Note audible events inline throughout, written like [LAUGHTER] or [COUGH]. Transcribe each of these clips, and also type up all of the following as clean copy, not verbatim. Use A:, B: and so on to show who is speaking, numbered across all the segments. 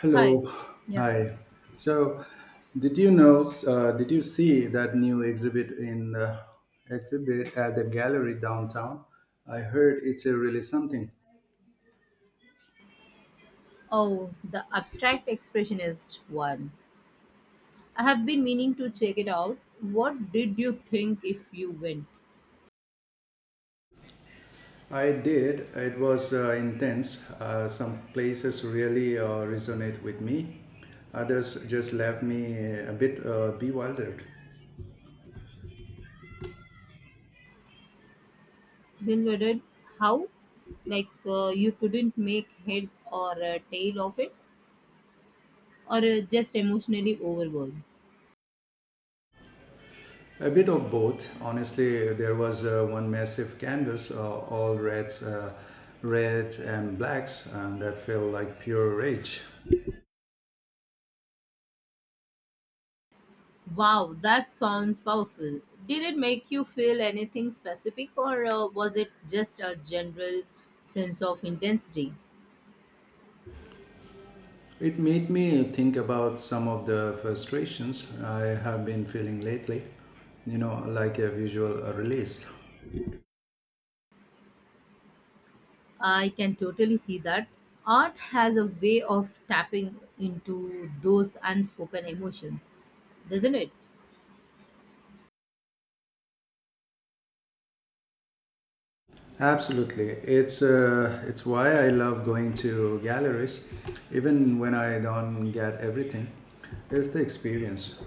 A: Hello.
B: Hi. Yeah, hi.
A: Hi. So, did you know? Did you see that new exhibit in exhibit at the gallery downtown? I heard it's a really something.
B: Oh, the abstract expressionist one. I have been meaning to check it out. What did you think if you went?
A: I did. It was intense. Some places really resonate with me. Others just left me a bit bewildered.
B: Then we did how? Like you couldn't make heads or a tail of it, or just emotionally overwhelmed.
A: A bit of both. Honestly, there was one massive canvas, all reds, reds and blacks, and that felt like pure rage.
B: Wow, that sounds powerful. Did it make you feel anything specific, or was it just a general sense of intensity?
A: It made me think about some of the frustrations I have been feeling lately, you know, like a visual release.
B: I can totally see that. Art has a way of tapping into those unspoken emotions, doesn't it?
A: Absolutely. It's why I love going to galleries, even when I don't get everything. It's the experience.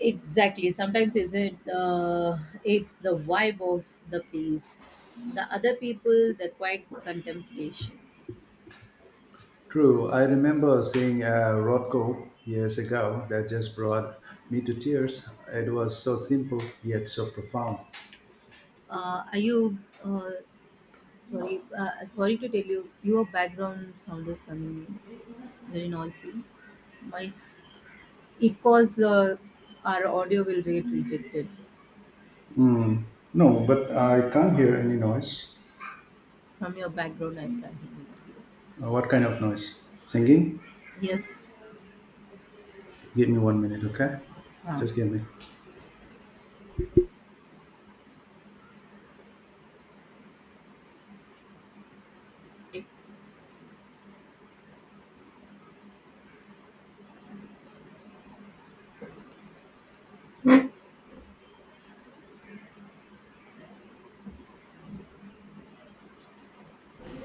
B: Exactly. Sometimes isn't it's the vibe of the place. The other people, the quiet contemplation.
A: True, I remember seeing a Rothko years ago that just brought me to tears. It was so simple yet so profound.
B: Are you uh, sorry? Sorry to tell you, your background sound is coming very noisy. My it was our audio will get rejected
A: Hmm. No, but I can't hear any noise.
B: from your background. I can hear it.
A: What kind of noise? Singing?
B: Yes.
A: Give me 1 minute, okay?
B: Uh,
A: Just give me.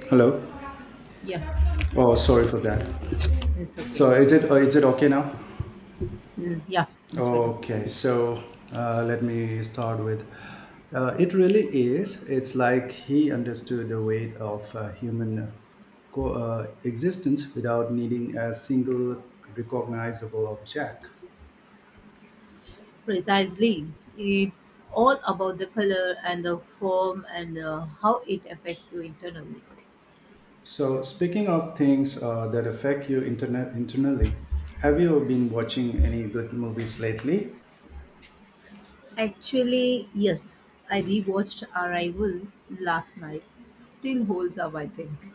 A: Hello.
B: yeah,
A: Oh, sorry for that.
B: it's okay.
A: So is it is it okay now?
B: Mm, yeah, much better.
A: Okay, so let me start with. It really is. It's like he understood the weight of human existence without needing a single recognizable object.
B: Precisely. It's all about the color and the form and how it affects you internally.
A: So, speaking of things that affect you internally, have you been watching any good movies lately?
B: Actually, yes. I rewatched Arrival last night. Still holds up, I think.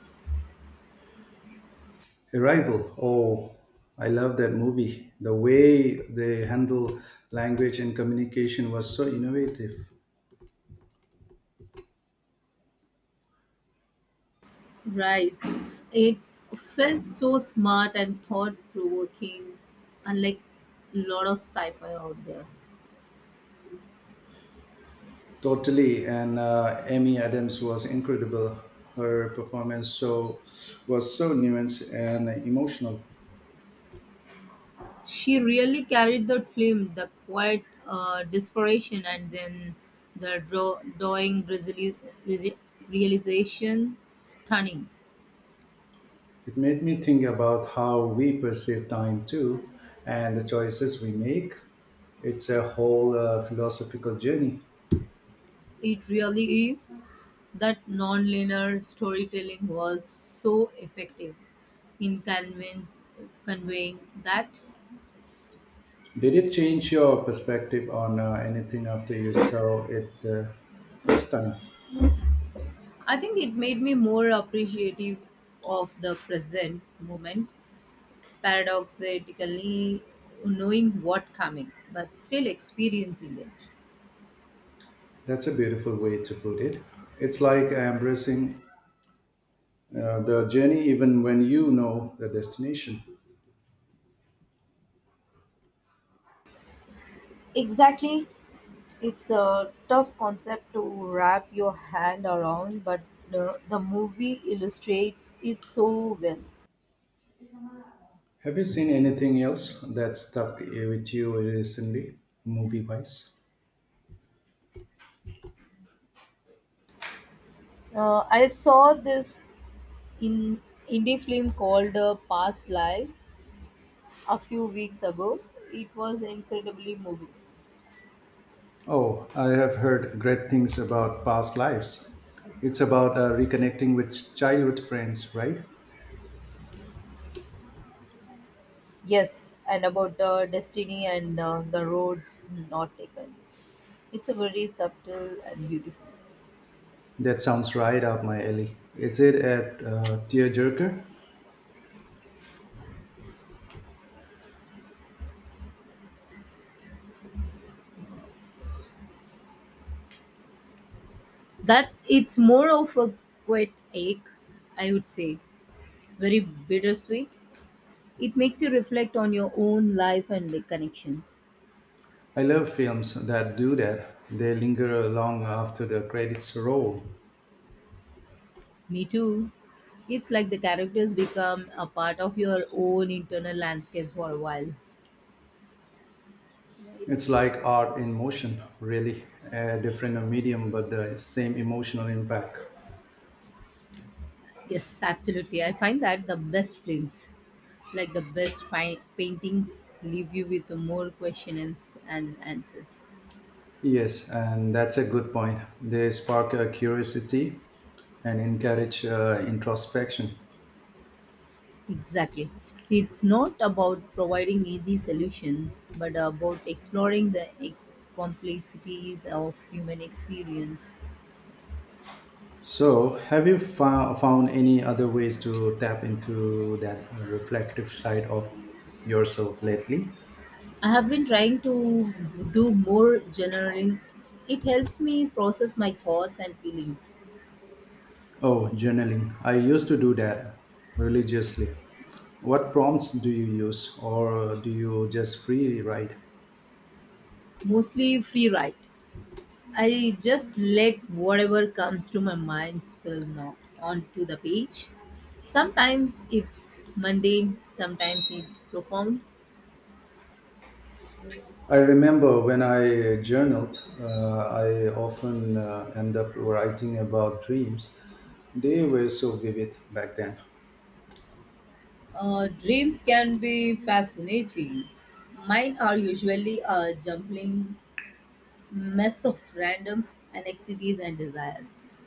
A: Arrival. Oh, I love that movie. The way they handle language and communication was so innovative.
B: Right. It felt so smart and thought provoking, unlike a lot of sci fi out there.
A: Totally, and Amy Adams was incredible. Her performance was so nuanced and emotional.
B: She really carried that film, the quiet desperation, and then drawing resi- realization stunning.
A: It made me think about how we perceive time too, and the choices we make. It's a whole philosophical journey.
B: It really is. That non-linear storytelling was so effective in conveying that.
A: Did it change your perspective on anything after you saw it the first time?
B: I think it made me more appreciative of the present moment, paradoxically knowing what coming, but still experiencing it.
A: That's a beautiful way to put it. It's like embracing the journey even when you know the destination.
B: Exactly. It's a tough concept to wrap your hand around, but the movie illustrates it so well.
A: Have you seen anything else that stuck with you recently, movie wise?
B: I saw this in indie film called Past Life a few weeks ago. It was incredibly moving.
A: Oh, I have heard great things about past lives. It's about reconnecting with childhood friends, right?
B: Yes, and about destiny and the roads not taken. It's a very subtle and beautiful.
A: That sounds right up my alley. Is it at Tearjerker?
B: That it's more of a quiet ache, I would say. Very bittersweet. It makes you reflect on your own life and the connections.
A: I love films that do that. They linger long after the credits roll.
B: Me too. It's like the characters become a part of your own internal landscape for a while.
A: It's
B: Right.
A: like art in motion, really. A different medium, but the same emotional impact.
B: Yes, absolutely. I find that the best films, like the best paintings, leave you with more questions and answers.
A: Yes, and that's a good point. They spark curiosity and encourage introspection.
B: Exactly. It's not about providing easy solutions, but about exploring the complexities of human experience.
A: So, have you found any other ways to tap into that reflective side of yourself lately?
B: I have been trying to do more journaling. It helps me process my thoughts and feelings.
A: Oh, journaling. I used to do that religiously. What prompts do you use, or do you just free write?
B: Mostly free write. I just let whatever comes to my mind spill now onto the page. Sometimes it's mundane, sometimes it's profound.
A: I remember when I journaled, I often end up writing about dreams. They were so vivid back then.
B: Dreams can be fascinating. Mine are usually a jumbling mess of random anxieties and desires.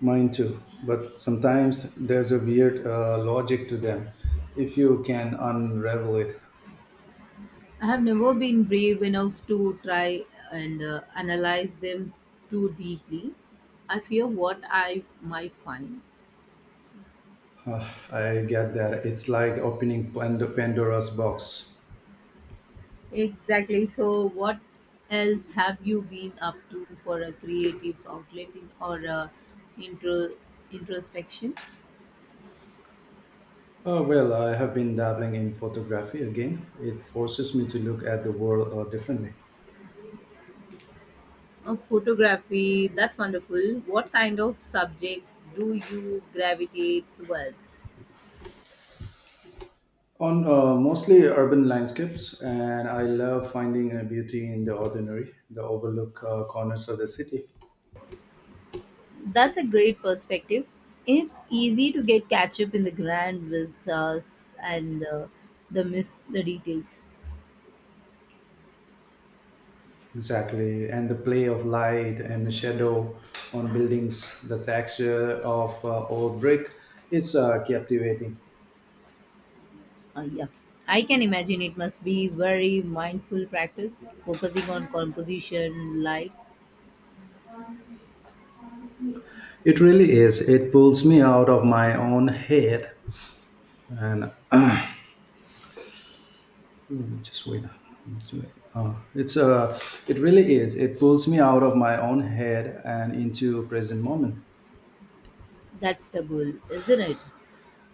A: Mine too, but sometimes there's a weird logic to them. If you can unravel it,
B: I have never been brave enough to try and analyze them too deeply. I fear what I might find.
A: Uh, I get that. It's like opening Pandora's box.
B: Exactly. So, what else have you been up to for a creative outlet in, or a intro, introspection?
A: Oh, well, I have been dabbling in photography again. It forces me to look at the world differently.
B: Photography, that's wonderful. What kind of subject do you gravitate towards?
A: On mostly urban landscapes, and I love finding a beauty in the ordinary, the overlook corners of the city.
B: That's a great perspective. It's easy to get catch up in the grand vistas and the miss the details.
A: Exactly, and the play of light and shadow on buildings, the texture of old brick, it's captivating.
B: Yeah, I can imagine it must be very mindful practice, focusing on composition, light.
A: It really is, it pulls me out of my own head and [CLEARS THROAT] oh, just wait. It's, uh, it's uh, it really is, it pulls me out of my own head and into a present moment.
B: That's the goal, isn't it?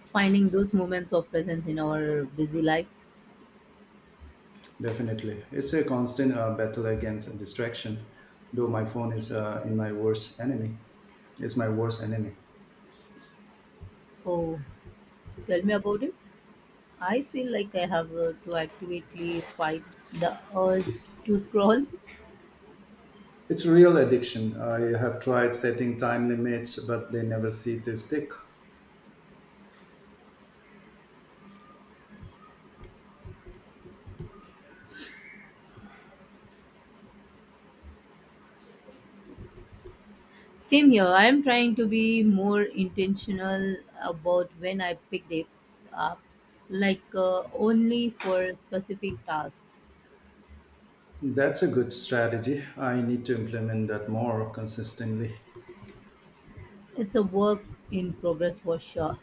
B: Finding those moments of presence in our busy lives.
A: Definitely. It's a constant battle against distraction, though my phone is in my worst enemy. It's my worst enemy.
B: Oh, tell me about it. I feel like I have to actively fight the urge to scroll.
A: It's real addiction. I have tried setting time limits, but they never seem to stick.
B: Same here. I'm trying to be more intentional about when I pick it up, like only for specific tasks.
A: That's a good strategy. I need to implement that more consistently.
B: It's a work in progress for sure.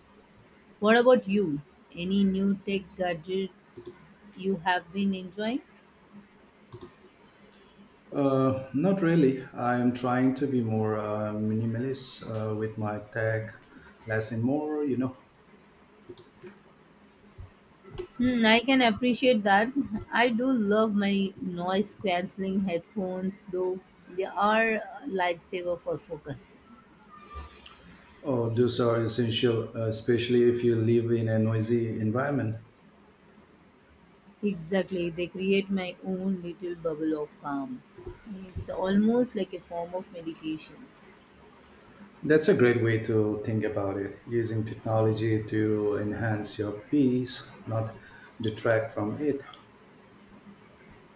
B: What about you? Any new tech gadgets you have been enjoying?
A: Not really. I'm trying to be more minimalist with my tech, less and more, you know.
B: Hmm, I can appreciate that. I do love my noise cancelling headphones, though they are a lifesaver for focus.
A: Oh, those are essential, especially if you live in a noisy environment.
B: Exactly, they create my own little bubble of calm. It's almost like a form of meditation.
A: That's a great way to think about it, using technology to enhance your peace, not detract from it.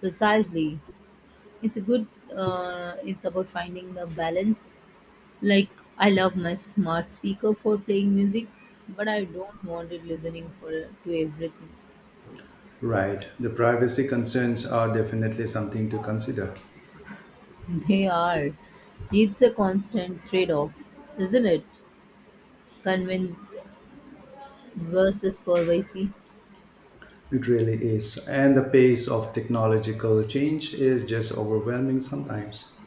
B: Precisely, it's a good. It's about finding the balance. Like I love my smart speaker for playing music, but I don't want it listening for to everything.
A: Right. The privacy concerns are definitely something to consider.
B: [LAUGHS] They are. It's a constant trade-off, isn't it? Convince versus privacy.
A: It really is. And the pace of technological change is just overwhelming sometimes.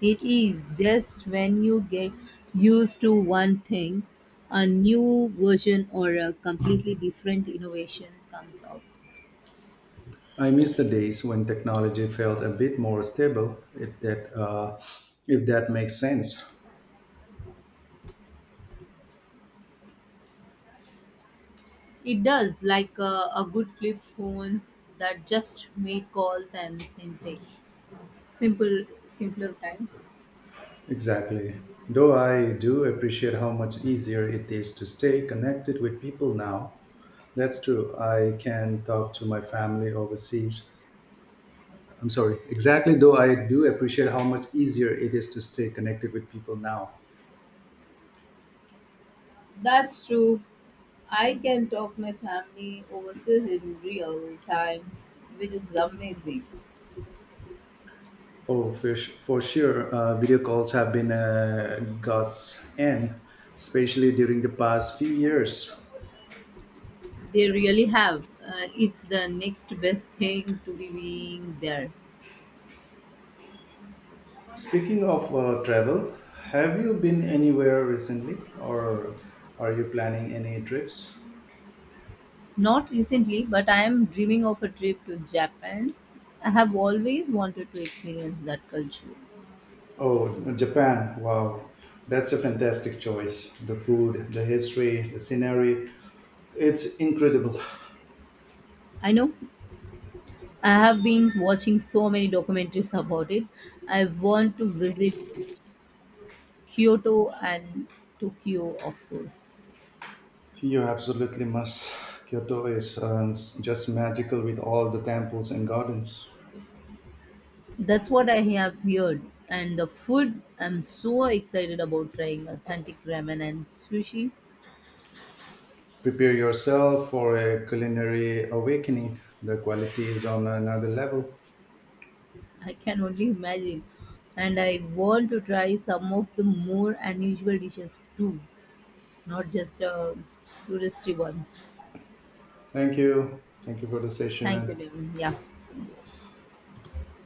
B: It is just when you get used to one thing, a new version or a completely different innovation comes out.
A: I miss the days when technology felt a bit more stable, if that makes sense.
B: It does, like a good flip phone that just made calls and syntax simple, simpler times.
A: Exactly. Though I do appreciate how much easier it is to stay connected with people now. That's true. I can talk to my family overseas. I'm sorry. Exactly, though I do appreciate how much easier it is to stay connected with people now.
B: That's true. I can talk my family overseas in real time, which is amazing.
A: Oh, for sure. Video calls have been a God's end, especially during the past few years.
B: They really have. It's the next best thing to be being there.
A: Speaking of travel, have you been anywhere recently or are you planning any trips?
B: Not recently, but I am dreaming of a trip to Japan. I have always wanted to experience that culture.
A: Oh, Japan. Wow. That's a fantastic choice. The food, the history, the scenery. It's incredible.
B: I know I have been watching so many documentaries about it. I want to visit Kyoto and Tokyo, of course.
A: You absolutely must. Kyoto is just magical with all the temples and gardens.
B: That's what I have heard. And the food, I'm so excited about trying authentic ramen and sushi.
A: Prepare yourself for a culinary awakening. The quality is on another level.
B: I can only imagine. And I want to try some of the more unusual dishes too. Not just touristy ones.
A: Thank you. Thank you for the
B: Thank you,
A: session.
B: Devin. Yeah.